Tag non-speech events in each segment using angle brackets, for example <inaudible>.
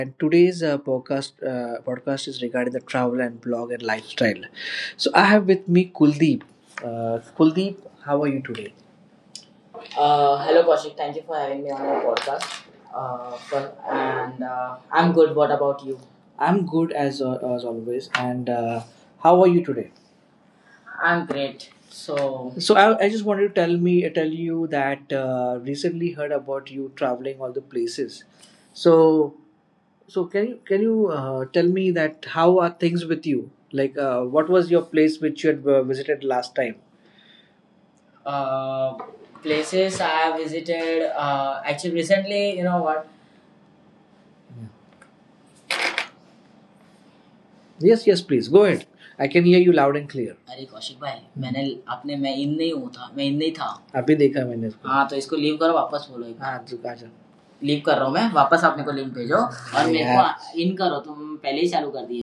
and today's podcast is regarding the travel and blog and lifestyle. So I have with me Kuldeep. Kuldeep, how are you today? Hello, Kaushik. Thank you for having me on your podcast. For, and I'm good. What about you? I'm good as always. And how are you today? I'm great. So I just wanted to tell you that recently heard about you traveling all the places. So so can you tell me that how are things with you? Like what was your place which you had visited last time? Uh, places I have visited. Actually, recently, you know what? Yes yes please go ahead I can hear you loud and clear. अरे कौशिक भाई, मैंने आपने मैं इन नहीं हूँ था, मैं इन नहीं था, अभी देखा मैंने इसको। हाँ तो इसको लीव करो, वापस बोलो एक, हाँ जो आजा, लीव कर रहा हूँ मैं वापस, आप मेरे को लिंक भेजो और मेरे यार को इन करो, तुम पहले ही चालू कर दिए।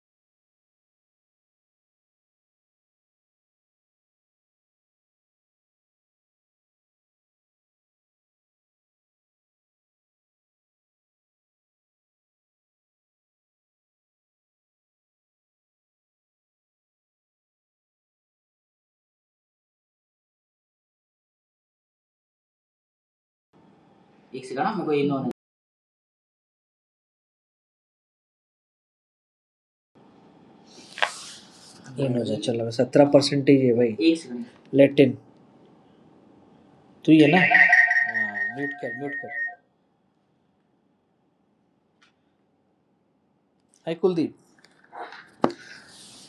एक सेकंड हाँ, मेरे को ये नॉन इन्होंने चला सत्रह परसेंटेज है भाई। एक सेकंड लेटिन तू ही है ना। म्यूट कर म्यूट कर। हाय Kuldeep.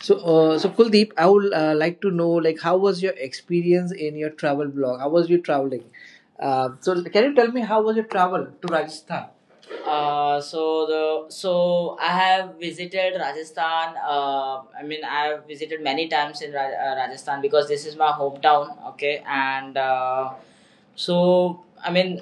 So Kuldeep, I would like to know, like, how was your experience in your travel blog? How was you traveling? Can you tell me how was your travel to Rajasthan? So I have visited Rajasthan. I mean, I have visited many times in Rajasthan because this is my hometown. Okay, and so I mean,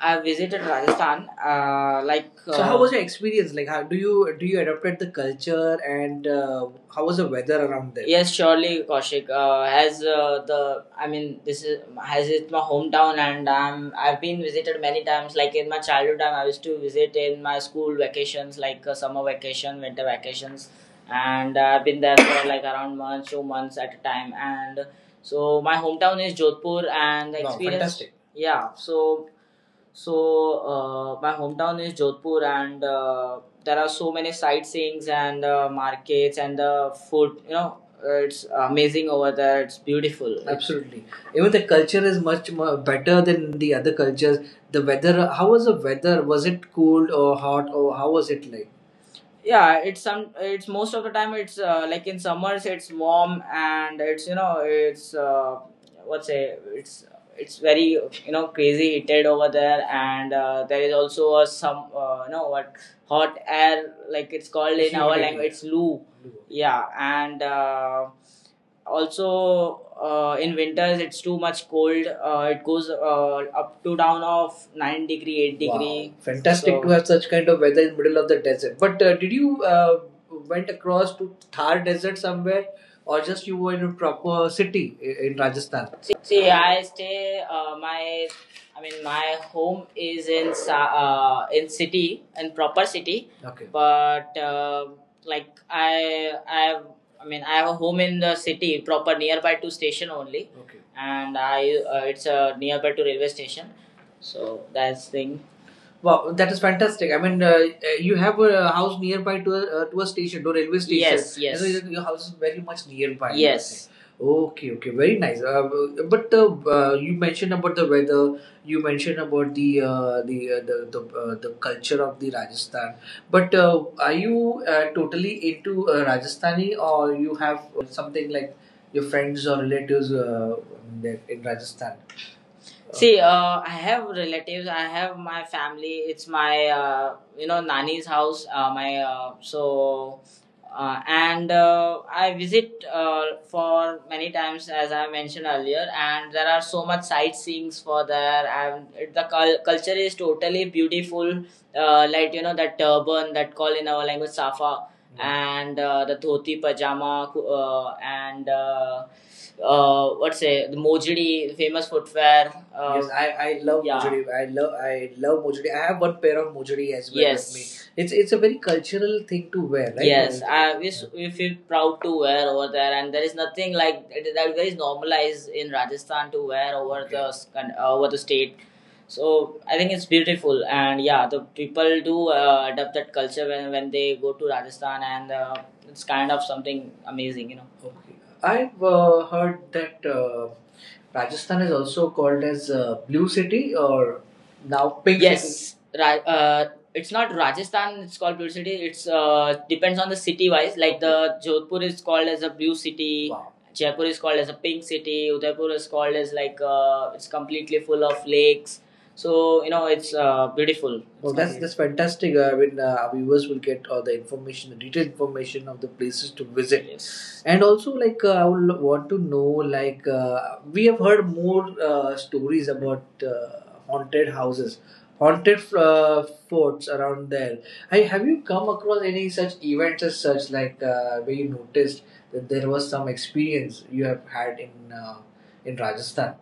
I have visited Rajasthan. So, how was your experience? How do you adopted the culture and how was the weather around there? Yes, surely, Kaushik. I mean, this is as it's my hometown, and I've been visited many times. Like in my childhood time, I used to visit in my school vacations, like summer vacation, winter vacations, and I've been there for like around months, 2 months at a time. And so my hometown is Jodhpur, and the. Wow, experience. Fantastic. Yeah, so my hometown is Jodhpur, and there are so many sightseeings and markets and the food. It's amazing over there. It's beautiful. Absolutely. Even the culture is much more better than the other cultures. The weather, how was the weather? Was it cold or hot or how was it like? Yeah, it's most of the time. It's Like in summers it's warm, and it's you know it's what's say it's very, crazy heated over there. And there is also a some you know what, hot air, like it's called in our language, it's loo, yeah. Loo. Yeah, and also in winters it's too much cold. It goes up to down of 9 degree 8 degree. Wow. Fantastic. To have such kind of weather in the middle of the desert. But did you went across to Thar Desert somewhere, or just you were in a proper city in Rajasthan? See, I mean my home is in in city, in proper city. Okay. But like I I have I mean I have a home in the city proper nearby to station only. Okay. And I it's nearby to railway station, so that's thing. Wow, that is fantastic. I mean, you have a house nearby to a station, to a railway station. Yes, yes. So your house is very much nearby. Yes. Okay, okay, very nice. But you mentioned about the weather. You mentioned about the culture of the Rajasthan. But are you totally into Rajasthani, or you have something like your friends or relatives there in Rajasthan? See, I have relatives. I have my family. It's my you know Nani's house. My so. And I visit for many times, as I mentioned earlier, and there are so much sightseeings for there. And the culture is totally beautiful, like you know that turban that call in our language safa. Yeah. And the dhoti pajama, and what's say the Mojidi, famous footwear. Yes, I love, yeah. Mojuri. I love Mojuri. I have one pair of Mojuri as well. Yes. With me. It's a very cultural thing to wear, right? Yes, we feel proud to wear over there, and there is nothing like that. That is normalized in Rajasthan to wear over. Okay. The over the state, so I think it's beautiful, and yeah, the people do adapt that culture when, they go to Rajasthan, and it's kind of something amazing, you know. Okay. I've heard that Rajasthan is also called as Blue City or now Pink City. Yes, it's not Rajasthan, it's called Blue City. It's depends on the city wise, like. Okay. The. Okay. Jodhpur is called as a Blue City. Wow. Jaipur is called as a Pink City. Udaipur is called as, like, it's completely full of lakes, so you know it's beautiful. Well, It's that's amazing. That's fantastic. I mean, our viewers will get all the information, the detailed information of the places to visit. Yes. And also, like, I would want to know, like, we have heard more stories about haunted houses, haunted forts around there. Have you come across any such events as such, like, where you noticed that there was some experience you have had in in Rajasthan?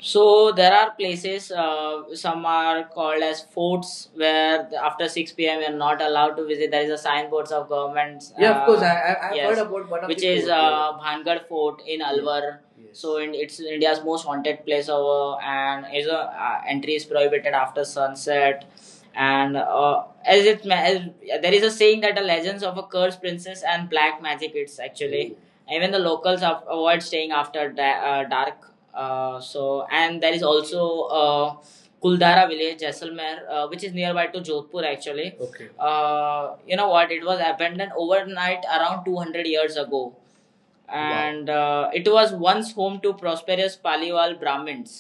So there are places. Some are called as forts, where after 6 p.m. you're not allowed to visit. There is a signboards of governments. Yeah, of course. I've heard about one of which is fort, yeah. Bhangar Fort in Alwar. Yes. So it's India's most haunted place over, and is a entry is prohibited after sunset. And as, there is a saying that the legends of a cursed princess and black magic. It's actually even the locals avoid staying after dark. And there is also Kuldara village, Jaisalmer, which is nearby to Jodhpur actually. Okay. You know what, it was abandoned overnight around 200 years ago. Wow. And it was once home to prosperous Paliwal Brahmins.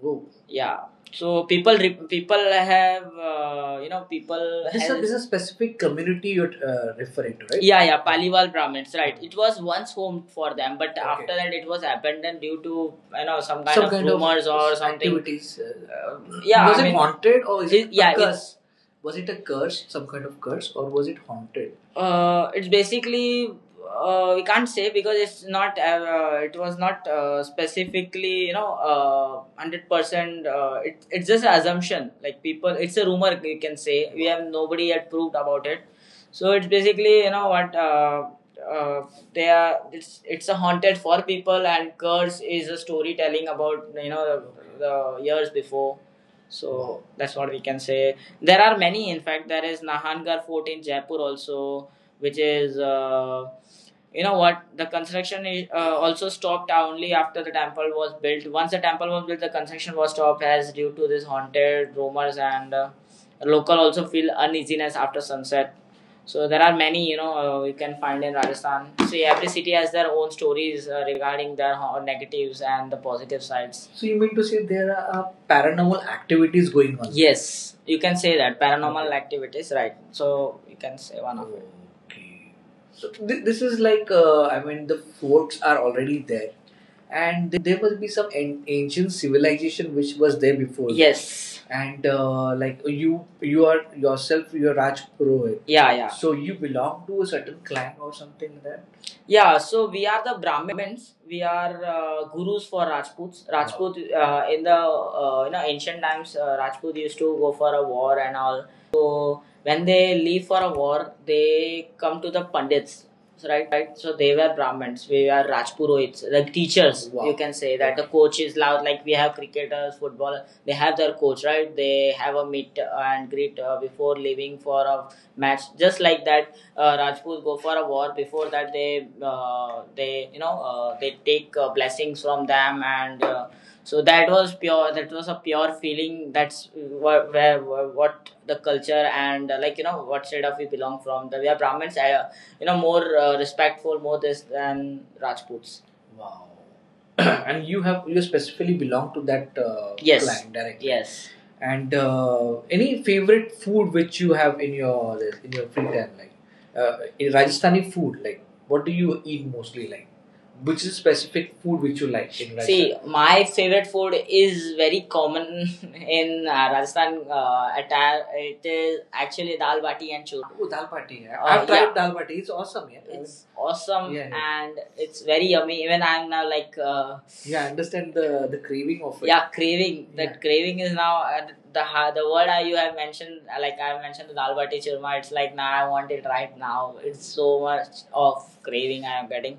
Whoa. Yeah, so people have you know people. This is a specific community you're referring to, right? Yeah, yeah, Paliwal Brahmins, right, it was once home for them, but. Okay. After that it was abandoned due to, you know, some kind. Some of kind of rumors of or something. Activities. Yeah, was I it mean, haunted, or is yeah, a curse? Was it a curse, some kind of curse, or was it haunted? It's basically we can't say because it was not specifically, you know, 100%. It's just an assumption, like people, it's a rumor you can say. We have nobody had proved about it, so it's basically, you know what, uh, they are, it's a haunted for people, and curse is a storytelling about, you know, the years before. So that's what we can say. There are many, in fact. There is Nahangar Fort in Jaipur also, which is you know what, the construction also stopped only after the temple was built. Once the temple was built, the construction was stopped as due to this haunted rumors. And local also feel uneasiness after sunset. So there are many, you know, you can find in Rajasthan. See, every city has their own stories regarding their negatives and the positive sides. So you mean to say there are paranormal activities going on? Yes, you can say that paranormal. Okay. Activities, right, so you can say one of it. Okay. So this is like, I mean the forts are already there, and there must be some ancient civilization which was there before. Yes. And like you are yourself, you are Raj Purohit. Yeah, yeah. So you belong to a certain clan or something like that. Yeah, so we are the Brahmins. We are gurus for Rajputs. Rajput, in the you know ancient times, Rajput used to go for a war and all. So when they leave for a war, they come to the Pandits, right? So they were Brahmins. We are Rajpurohits, like teachers. Wow. You can say that the coach is loud. Like we have cricketers, football. They have their coach, right? They have a meet and greet before leaving for a match. Just like that, Rajput go for a war. Before that, they you know they take blessings from them, and so that was pure. That was a pure feeling. That's where what the culture and like, you know what state of we belong from. The We are Brahmins. You know more respectful, more this than Rajputs. Wow. <clears throat> And you specifically belong to that Yes. Clan directly. Yes. And any favorite food which you have in your free time, like in Rajasthani food, like what do you eat mostly? Like, which is specific food which you like in Rajasthan? See, my favorite food is very common <laughs> in Rajasthan. Attire. It is actually dal bati and churma. Oh, dal bati. Yeah. I've tried. Yeah. Dal bati. It's awesome. Yeah. It's awesome. Yeah, yeah. And it's very yummy. Even I'm now like yeah, I understand the craving of it. Yeah, craving that. Yeah. Craving is now the the word you have mentioned like I have mentioned the dalbati churma. It's like now nah, I want it right now. It's so much of craving I am getting.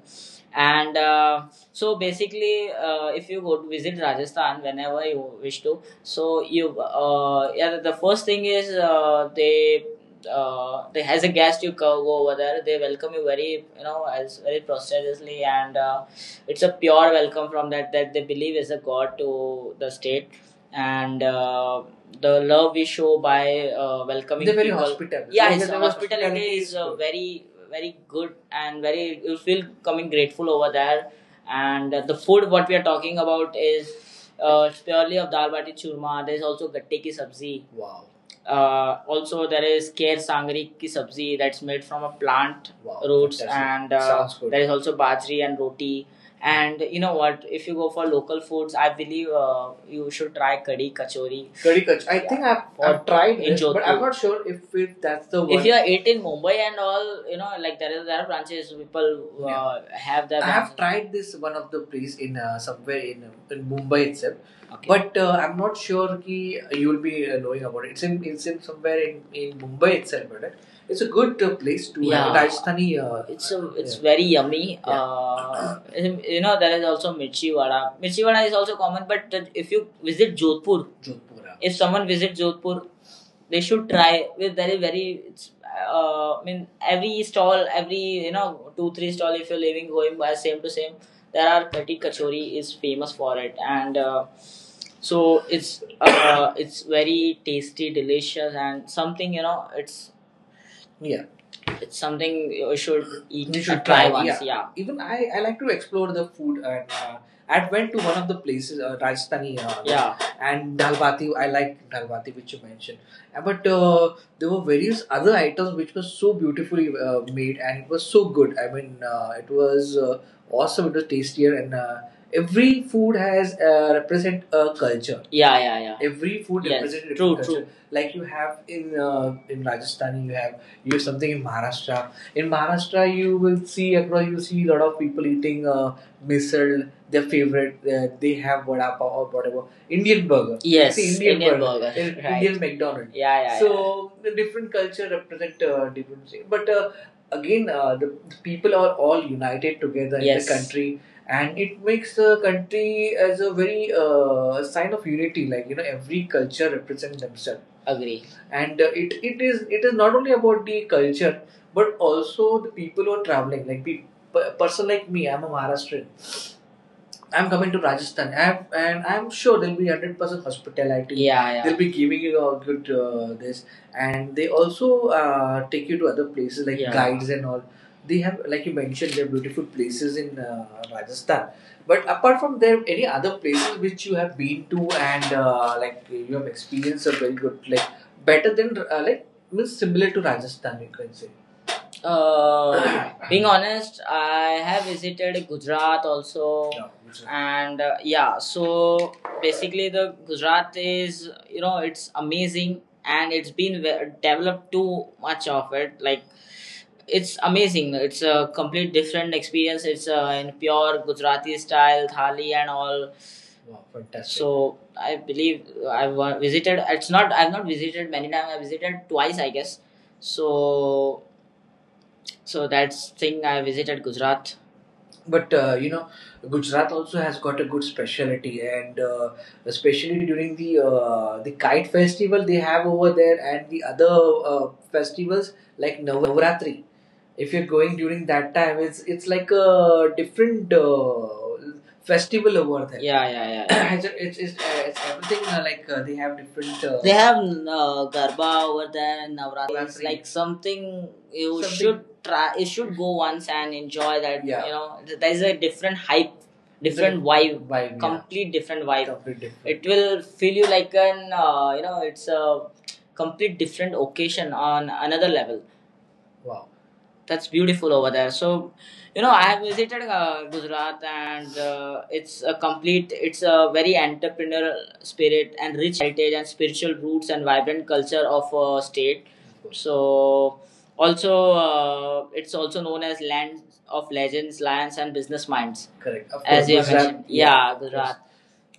And so basically if you go to visit Rajasthan whenever you wish to, so you yeah, the first thing is they as a guest, you go over there, they welcome you very you know as very prosperously. And it's a pure welcome from that that they believe is a god to the state. And the love we show by welcoming people. They're very people. Hospitable. Yeah, his hospitality is very very good and very you feel coming grateful over there. And the food what we are talking about is purely of dal bati churma. There is also gatte ki sabzi. Wow. Also there is kher sangri ki sabzi that's made from a plant. Wow. Roots. Fantastic. And there is also bajri and roti. And you know what? If you go for local foods, I believe you should try kadhi kachori. Kadhi kachori. I. Yeah. Or I've tried in it, but I'm not sure if it, that's the one. If you are eight in Mumbai and all, you know, like there is there are branches. People yeah, have that. I have tried this one of the place in somewhere in Mumbai itself. Okay. But I'm not sure ki you will be knowing about it. It's in somewhere in Mumbai itself, but it's a good place to have. Yeah. Have Rajasthani. It's a, it's. Yeah. Very yummy. Yeah. You know there is also mirchi vada. Mirchi vada is also common, but if you visit Jodhpur. Jodhpur. If someone visits Jodhpur, they should try. With very very, it's, I mean every stall, every you know two three stall. If you're living going by same to same, there are Khati Kachori is famous for it. And so it's <coughs> it's very tasty, delicious, and something you know it's. Yeah, it's something you should eat. You should try, try, once. Yeah. Yeah. Even I like to explore the food. And I went to one of the places, Rajasthani, yeah, and Dal Bati, I like Dal Bati, which you mentioned. But there were various other items which were so beautifully made and it was so good. I mean, it was awesome. It was tastier. And every food has represent a culture. Yeah, yeah, yeah. Every food. Yes, represents a true culture. True. Like you have in Rajasthan, you have something in Maharashtra. In Maharashtra, you will see across you see a lot of people eating misal, their favorite. They have vada pav or whatever. Indian burger. Yes, it's Indian, Indian burger. Burger, right. Indian McDonald's. Yeah, yeah. So yeah, the different culture represent different things. But again, the people are all united together. Yes. In the country. And it makes the country as a very sign of unity. Like you know, every culture represents themselves. Yeah, agree. And it is not only about the culture but also the people who are traveling. Like the person like me, I'm a Maharashtrian. I'm coming to Rajasthan, and I'm sure there'll be 100% hospitality. Yeah, yeah. They'll be giving you a good this. And they also take you to other places like. Yeah. Guides and all. They have, like you mentioned, they have beautiful places in Rajasthan. But apart from there, any other places which you have been to and like you have experienced a very good, like better than like means similar to Rajasthan, you can say. <coughs> Being honest, I have visited Gujarat also. Yeah, Gujarat. And yeah, so basically the Gujarat is you know it's amazing and it's been developed too much of it. Like it's amazing. It's a complete different experience. It's in pure Gujarati style thali and all. Wow, fantastic. So I believe I've visited. It's not. I've not visited many times. I visited twice, I guess. So so that's thing I visited Gujarat. But you know, Gujarat also has got a good specialty. And especially during the kite festival they have over there, and the other uh, festivals like Navratri, if you're going during that time, it's like a different festival over there. Yeah, yeah, yeah. Yeah. <coughs> It's it's everything like they have different They have Garba over there. Navratri. Navratri. Like something you. Something- should try. You should go once and enjoy that. Yeah. You know, there is a different hype, different vibe, vibe complete. Yeah, different. Yeah, vibe. Complete different. It will feel you like an you know, it's a complete different occasion on another level. Wow, that's beautiful over there. So, you know, I have visited Gujarat. And it's a complete, it's a very entrepreneurial spirit and rich heritage and spiritual roots and vibrant culture of a state. So, also, it's also known as land of legends, lions, and business minds. Correct. Of course, as you have Gujarat, mentioned, yeah, Gujarat.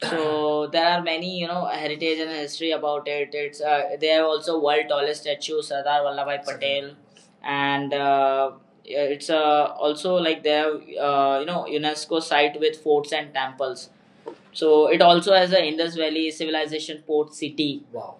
So there are many you know heritage and history about it. It's they have also world tallest statue Sardar Vallabhai Patel. And yeah, it's also like they have you know UNESCO site with forts and temples. So it also has a Indus Valley civilization port city. Wow.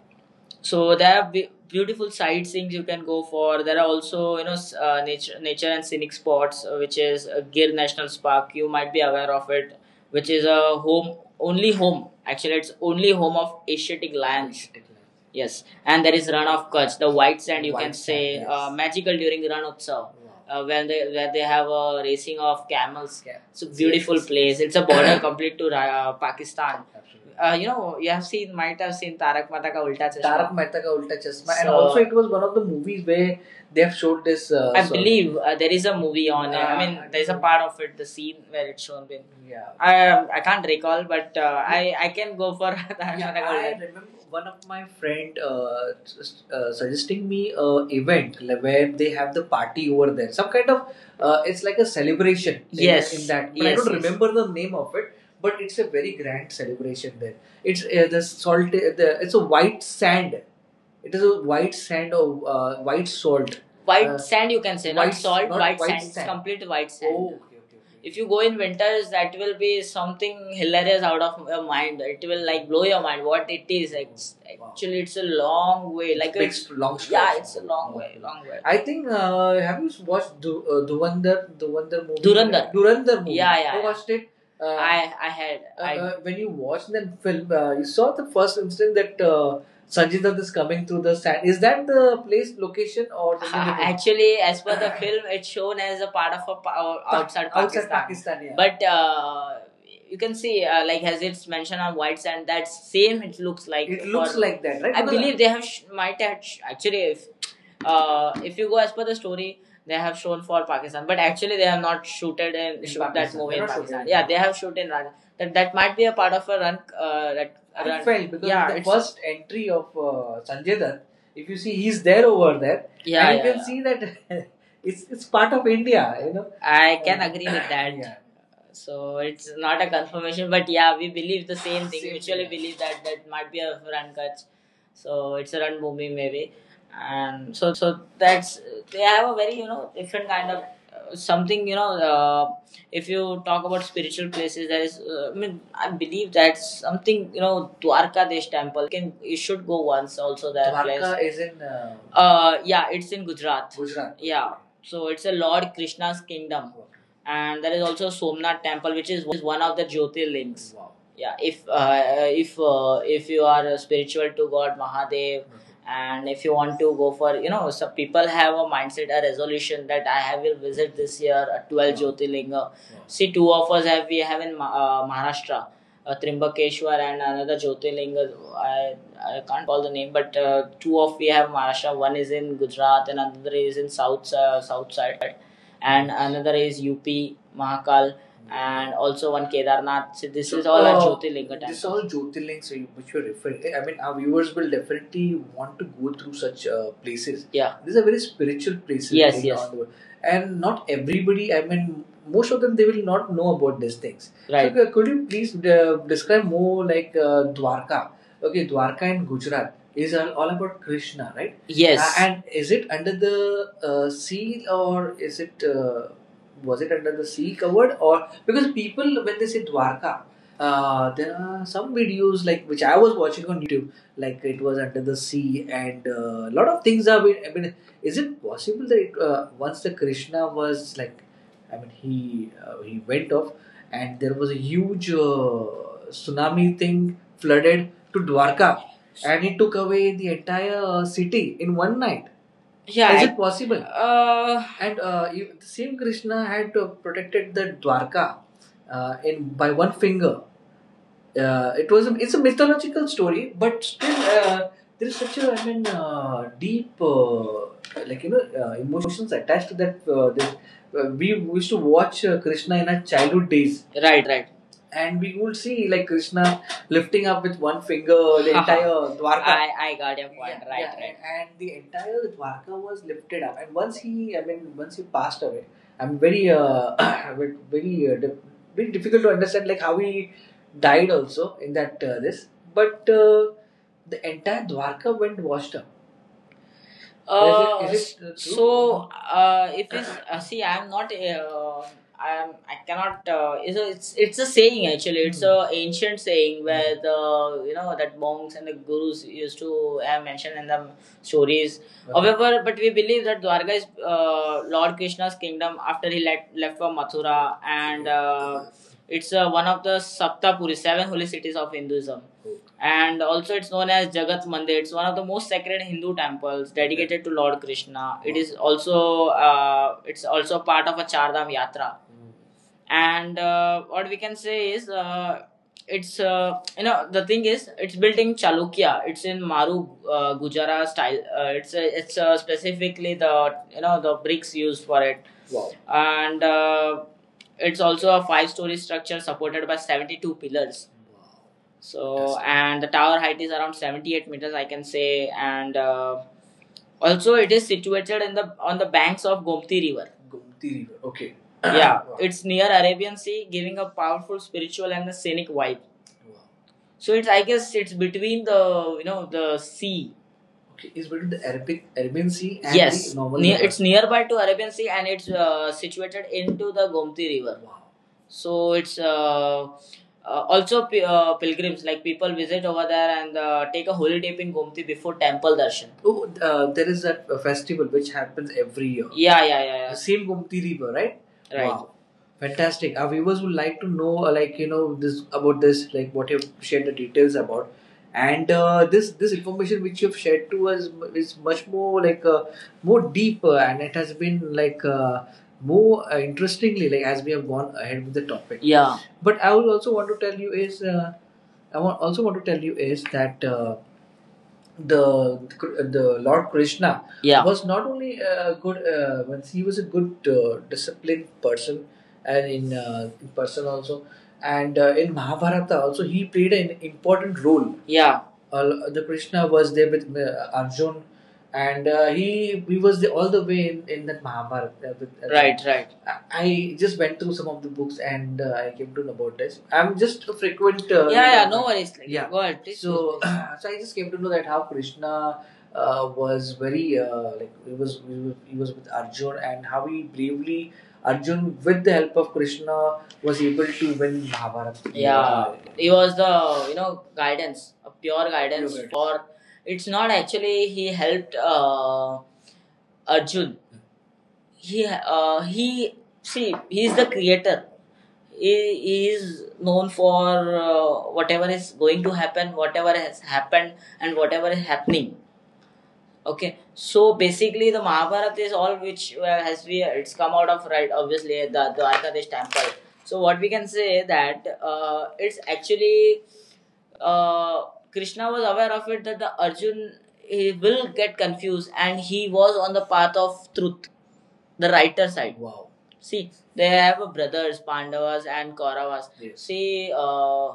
So there are beautiful sightseeing you can go for. There are also you know nature, nature and scenic spots which is Gir National Park. You might be aware of it, which is a home, only home. Actually, it's only home of Asiatic lions. Yes. And there is Ran of Kutch, the white sand. You can. White sand, say sand, yes. Magical during Ran Utsav. Wow. When they, where they have a racing of camels. Yeah. It's a beautiful, yes, place. It's a border, <coughs> complete to Pakistan. Absolutely. You know, you have seen, might have seen Tarak Mata Ka Ulta Chashma. Tarak Mehta Ka Ulta Chashma. So, and also it was one of the movies where they have showed this. I believe there is a movie on it. I mean, there's a part of it, the scene where it's shown in. Yeah. I can't recall, but yeah. I can go for <laughs> that. Yeah, I remember one of my friend suggesting me a event like, where they have the party over there. Some kind of it's like a celebration. Yes. In that, but yes, I. Yes, don't, yes, remember the name of it. But it's a very grand celebration there. It's the salt. The, it's a white sand. It is a white sand or white salt. White. Sand you can say, not white- salt, not white, white sand. Sand. It's complete white sand. Oh, okay, okay, okay. If you go in winters, that will be something hilarious out of your mind. It will like blow your mind what it is. Like, it's. Wow. Actually, it's a long way. Like big, it's, a long stretch. Yeah, it's a long way, long way. I think have you watched Duvandar. Duvandar movie? Durandar. Durandar movie. Yeah, yeah. You, yeah, watched it. Uh, I I when you watched that film, you saw the first instant that Sanjita is coming through the sand. Is that the place, location, or something. Actually, as per the film, it's shown as a part of a outside Pakistan. Outside Pakistan? Yeah. But you can see, like as it's mentioned on white sand, that same it looks like. It looks like that, right? I. Because believe they have might have actually if you go as per the story they have shown for Pakistan but actually they have not shooted and in shoot that movie in Pakistan. Yeah, they have shoot in that that might be a part of a run. That I. Run. Felt because yeah, the first entry of Sanjay Dutt, if you see, he's there over there, yeah, and yeah, you, yeah, can, yeah, see that <laughs> it's part of India, you know. I can agree with that. Yeah. So it's not a confirmation, but yeah, we believe the same thing. Same, mutually yeah. believe that that might be a run catch, so it's a run movie maybe. And so that's they have a very, you know, different kind of something, you know. If you talk about spiritual places, there is I mean, I believe that's something, you know, Dwarkadesh temple, you can you should go once also. That place Dwarka is in yeah, it's in Gujarat. Gujarat, yeah. So it's a Lord Krishna's kingdom. Okay. And there is also Somnath temple, which is one of the Jyotirlings. Wow, yeah. If you are spiritual to god Mahadev, and if you want to go for, you know, some people have a mindset, a resolution, that I have will visit this year a 12 Jyotirlinga. See, two of us have we have in Maharashtra, Trimbakeshwar and another Jyotirlinga. I can't recall the name, but two of we have Maharashtra. One is in Gujarat, and another is in south south side, and another is UP Mahakal, and also one Kedarnath. So is all our Jyotirlinga time. This is all Jyotirlings which you're referring to. I mean, our viewers will definitely want to go through such places. Yeah. These are very spiritual places. Yes, yes. And not everybody, I mean, most of them, they will not know about these things. Right. So, could you please describe more, like Dwarka? Okay, Dwarka in Gujarat is all about Krishna, right? Yes. And is it under the sea, or is it was it under the sea covered? Or because people, when they say Dwarka, there are some videos like which I was watching on YouTube, like it was under the sea and a lot of things are been- I mean, is it possible that it, once the Krishna was, like, I mean, he went off, and there was a huge tsunami thing flooded to Dwarka, and he took away the entire city in one night. Yeah. Is it possible? And you, the same Krishna had protected the Dwarka in by one finger. It was a, it's a mythological story, but still there is such a, I mean, deep like, you know, emotions attached to that. That we used to watch Krishna in our childhood days, right, right. And we would see like Krishna lifting up with one finger the entire <laughs> Dwarka. I got your point. Yeah, right, yeah, right. And the entire Dwarka was lifted up. And once he, I mean, once he passed away, I'm very, <coughs> very, very, uh, dif- very difficult to understand like how he died also in that this. But the entire Dwarka went washed up. Is it, true? So if it's See, I'm not. I'm. I cannot. It's a, it's it's a saying actually. It's a ancient saying where the, you know, that monks and the gurus used to have mentioned in the stories. However, but we believe that Dwarka is Lord Krishna's kingdom after he left for Mathura, and it's one of the Saptapuri, seven holy cities of Hinduism, and also it's known as Jagat Mandir. It's one of the most sacred Hindu temples dedicated to Lord Krishna. It is also it's also part of a Chardham Yatra, and what we can say is it's you know, the thing is it's built in Chalukya. It's in Maru Gujarat style. It's a, it's specifically the, you know, the bricks used for it. Wow. And it's also a five-story structure supported by 72 pillars. Wow. So, and the tower height is around 78 meters, I can say. And also, it is situated in the on the banks of Gomti River. Gomti River. Okay. <clears throat> <coughs> Yeah. Wow. It's near Arabian Sea, giving a powerful spiritual and the scenic vibe. Wow. So it's, I guess it's between the, you know, the sea. Okay, is between the Arabic, Arabian Sea and yes, the normal near, river. It's nearby to Arabian Sea and it's situated into the Gomti River. Wow. So it's also pilgrims like people visit over there, and take a holy dip in Gomti before temple darshan. Oh, there is that festival which happens every year. Yeah, yeah, yeah, yeah. The same Gomti River, right? Yeah, right. Wow. Fantastic. Our viewers would like to know, like, you know, this about this, like what you've shared the details about, and this this information which you've shared to us is much more like more deeper, and it has been like more interestingly like as we have gone ahead with the topic. Yeah, but I would also want to tell you is also want to tell you is that the the Lord Krishna. Yeah. Was not only a good he was a good disciplined person and in person also, and in Mahabharata also he played an important role. Yeah. The Krishna was there with Arjun, and he was the, all the way in that Mahabharata. Right. Right. I just went through some of the books, and I came to know about this. I'm just a frequent. Yeah, yeah, no worries. Like, yeah, go ahead, please. So, <clears throat> so I just came to know that how Krishna was very like he was he was with Arjun, and how he bravely Arjun with the help of Krishna was able to win Mahabharata. Yeah, he was the, you know, guidance, a pure guidance. Pure guidance. For it's not actually he helped Arjun he see He is the creator. He is known for whatever is going to happen, whatever has happened, and whatever is happening. Okay, so basically the Mahabharata is all which has we it's come out of right obviously the Dwarkadesh temple. So what we can say that it's actually uh, Krishna was aware of it that the Arjun he will get confused, and he was on the path of truth, the writer side. Wow. See, they have a brothers, Pandavas and Kauravas. Yes. See,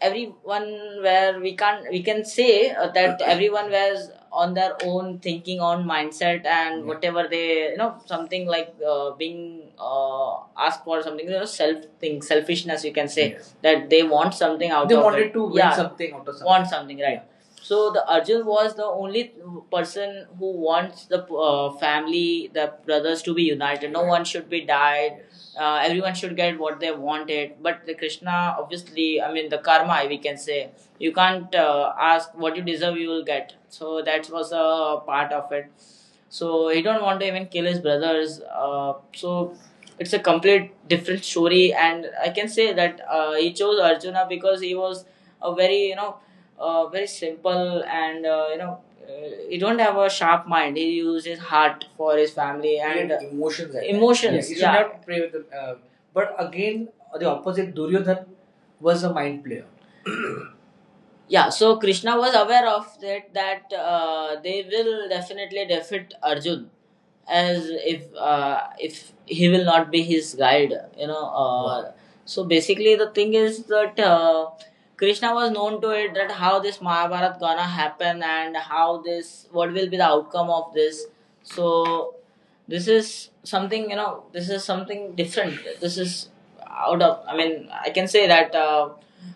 everyone where we can say that everyone was on their own thinking on mindset and yeah. Whatever they, you know, something like being asked for something, you know, self thing, selfishness, you can say. Yes. That they want something out. They of it. They wanted to win. Yeah, something out of something. Want something right. Yeah. So the Arjun was the only person who wants the family, the brothers, to be united. No one should be died. Everyone should get what they wanted. But the Krishna, obviously, I mean the karma, we can say you can't ask what you deserve, you will get. So that was a part of it. So he don't want to even kill his brothers. So it's a complete different story, and I can say that he chose Arjuna because he was a very, you know, very simple, and, you know, he don't have a sharp mind. He used his heart for his family and emotions. I think. Emotions. Think. Yeah, you should, yeah, not play with them. But again, the opposite, Duryodhan was a mind player. Yeah, so Krishna was aware of that, that they will definitely defeat Arjun, as if he will not be his guide, you know. So basically, the thing is that Krishna was known to it that how this Mahabharat gonna happen, and how this what will be the outcome of this. So this is something, you know. This is something different. This is out of. I mean, I can say that.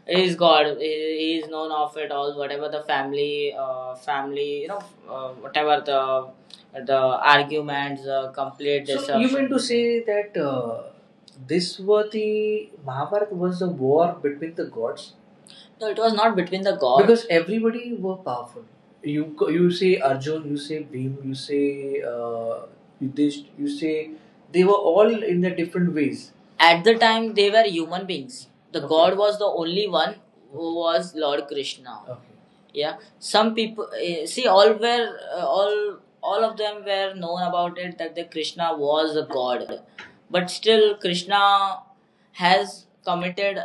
He is god. He is known of it all, whatever the family whatever the arguments complete. So you mean to say that this was the Mahabharata was a war between the gods? No, it was not between the gods, because everybody were powerful. You you say Arjun, you say Bhim, you say Yudhishth, you say they were all in their different ways. At the time, they were human beings. The, okay. God was the only one who was Lord Krishna. Okay, yeah, some people, eh, see, all were all of them were known about it that the Krishna was a god. But still Krishna has committed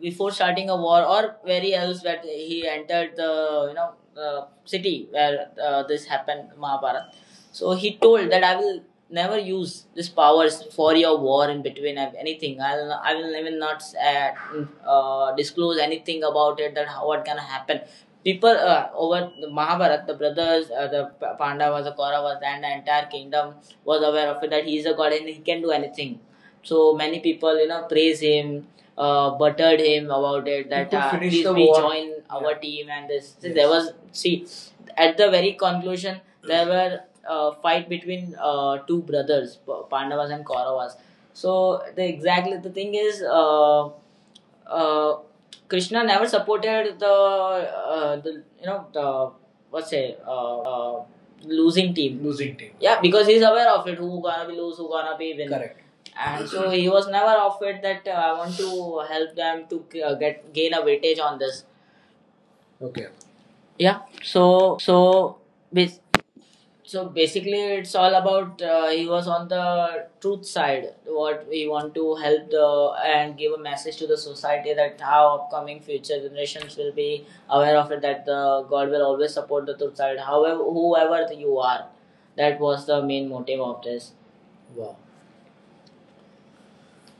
before starting a war or very else, that he entered the, you know, city where this happened Mahabharat. So he told that I will never use this powers for your war in between anything. I will even not uh, disclose anything about it, that how what can happen. People over the Mahabharata, the brothers, the Pandavas, the Kauravas, and the entire kingdom was aware of it that he is a god and he can do anything. So many people, you know, praise him, buttered him about it, that please we join our. Yeah. team. And this. This Yes. There was, see, at the very conclusion, there were fight between two brothers, Pandavas and Kauravas. So the exactly the thing is. Uh, Krishna never supported the you know the what's say losing team. Losing team. Yeah, because he's aware of it. Who gonna be lose? Who gonna be win? Correct. And so he was never offered that I want to help them to get gain a weightage on this. Okay. Yeah, bas- so basically it's all about he was on the truth side, what we want to help the, and give a message to the society that how upcoming future generations will be aware of it, that the god will always support the truth side, however whoever you are. That was the main motive of this. Wow.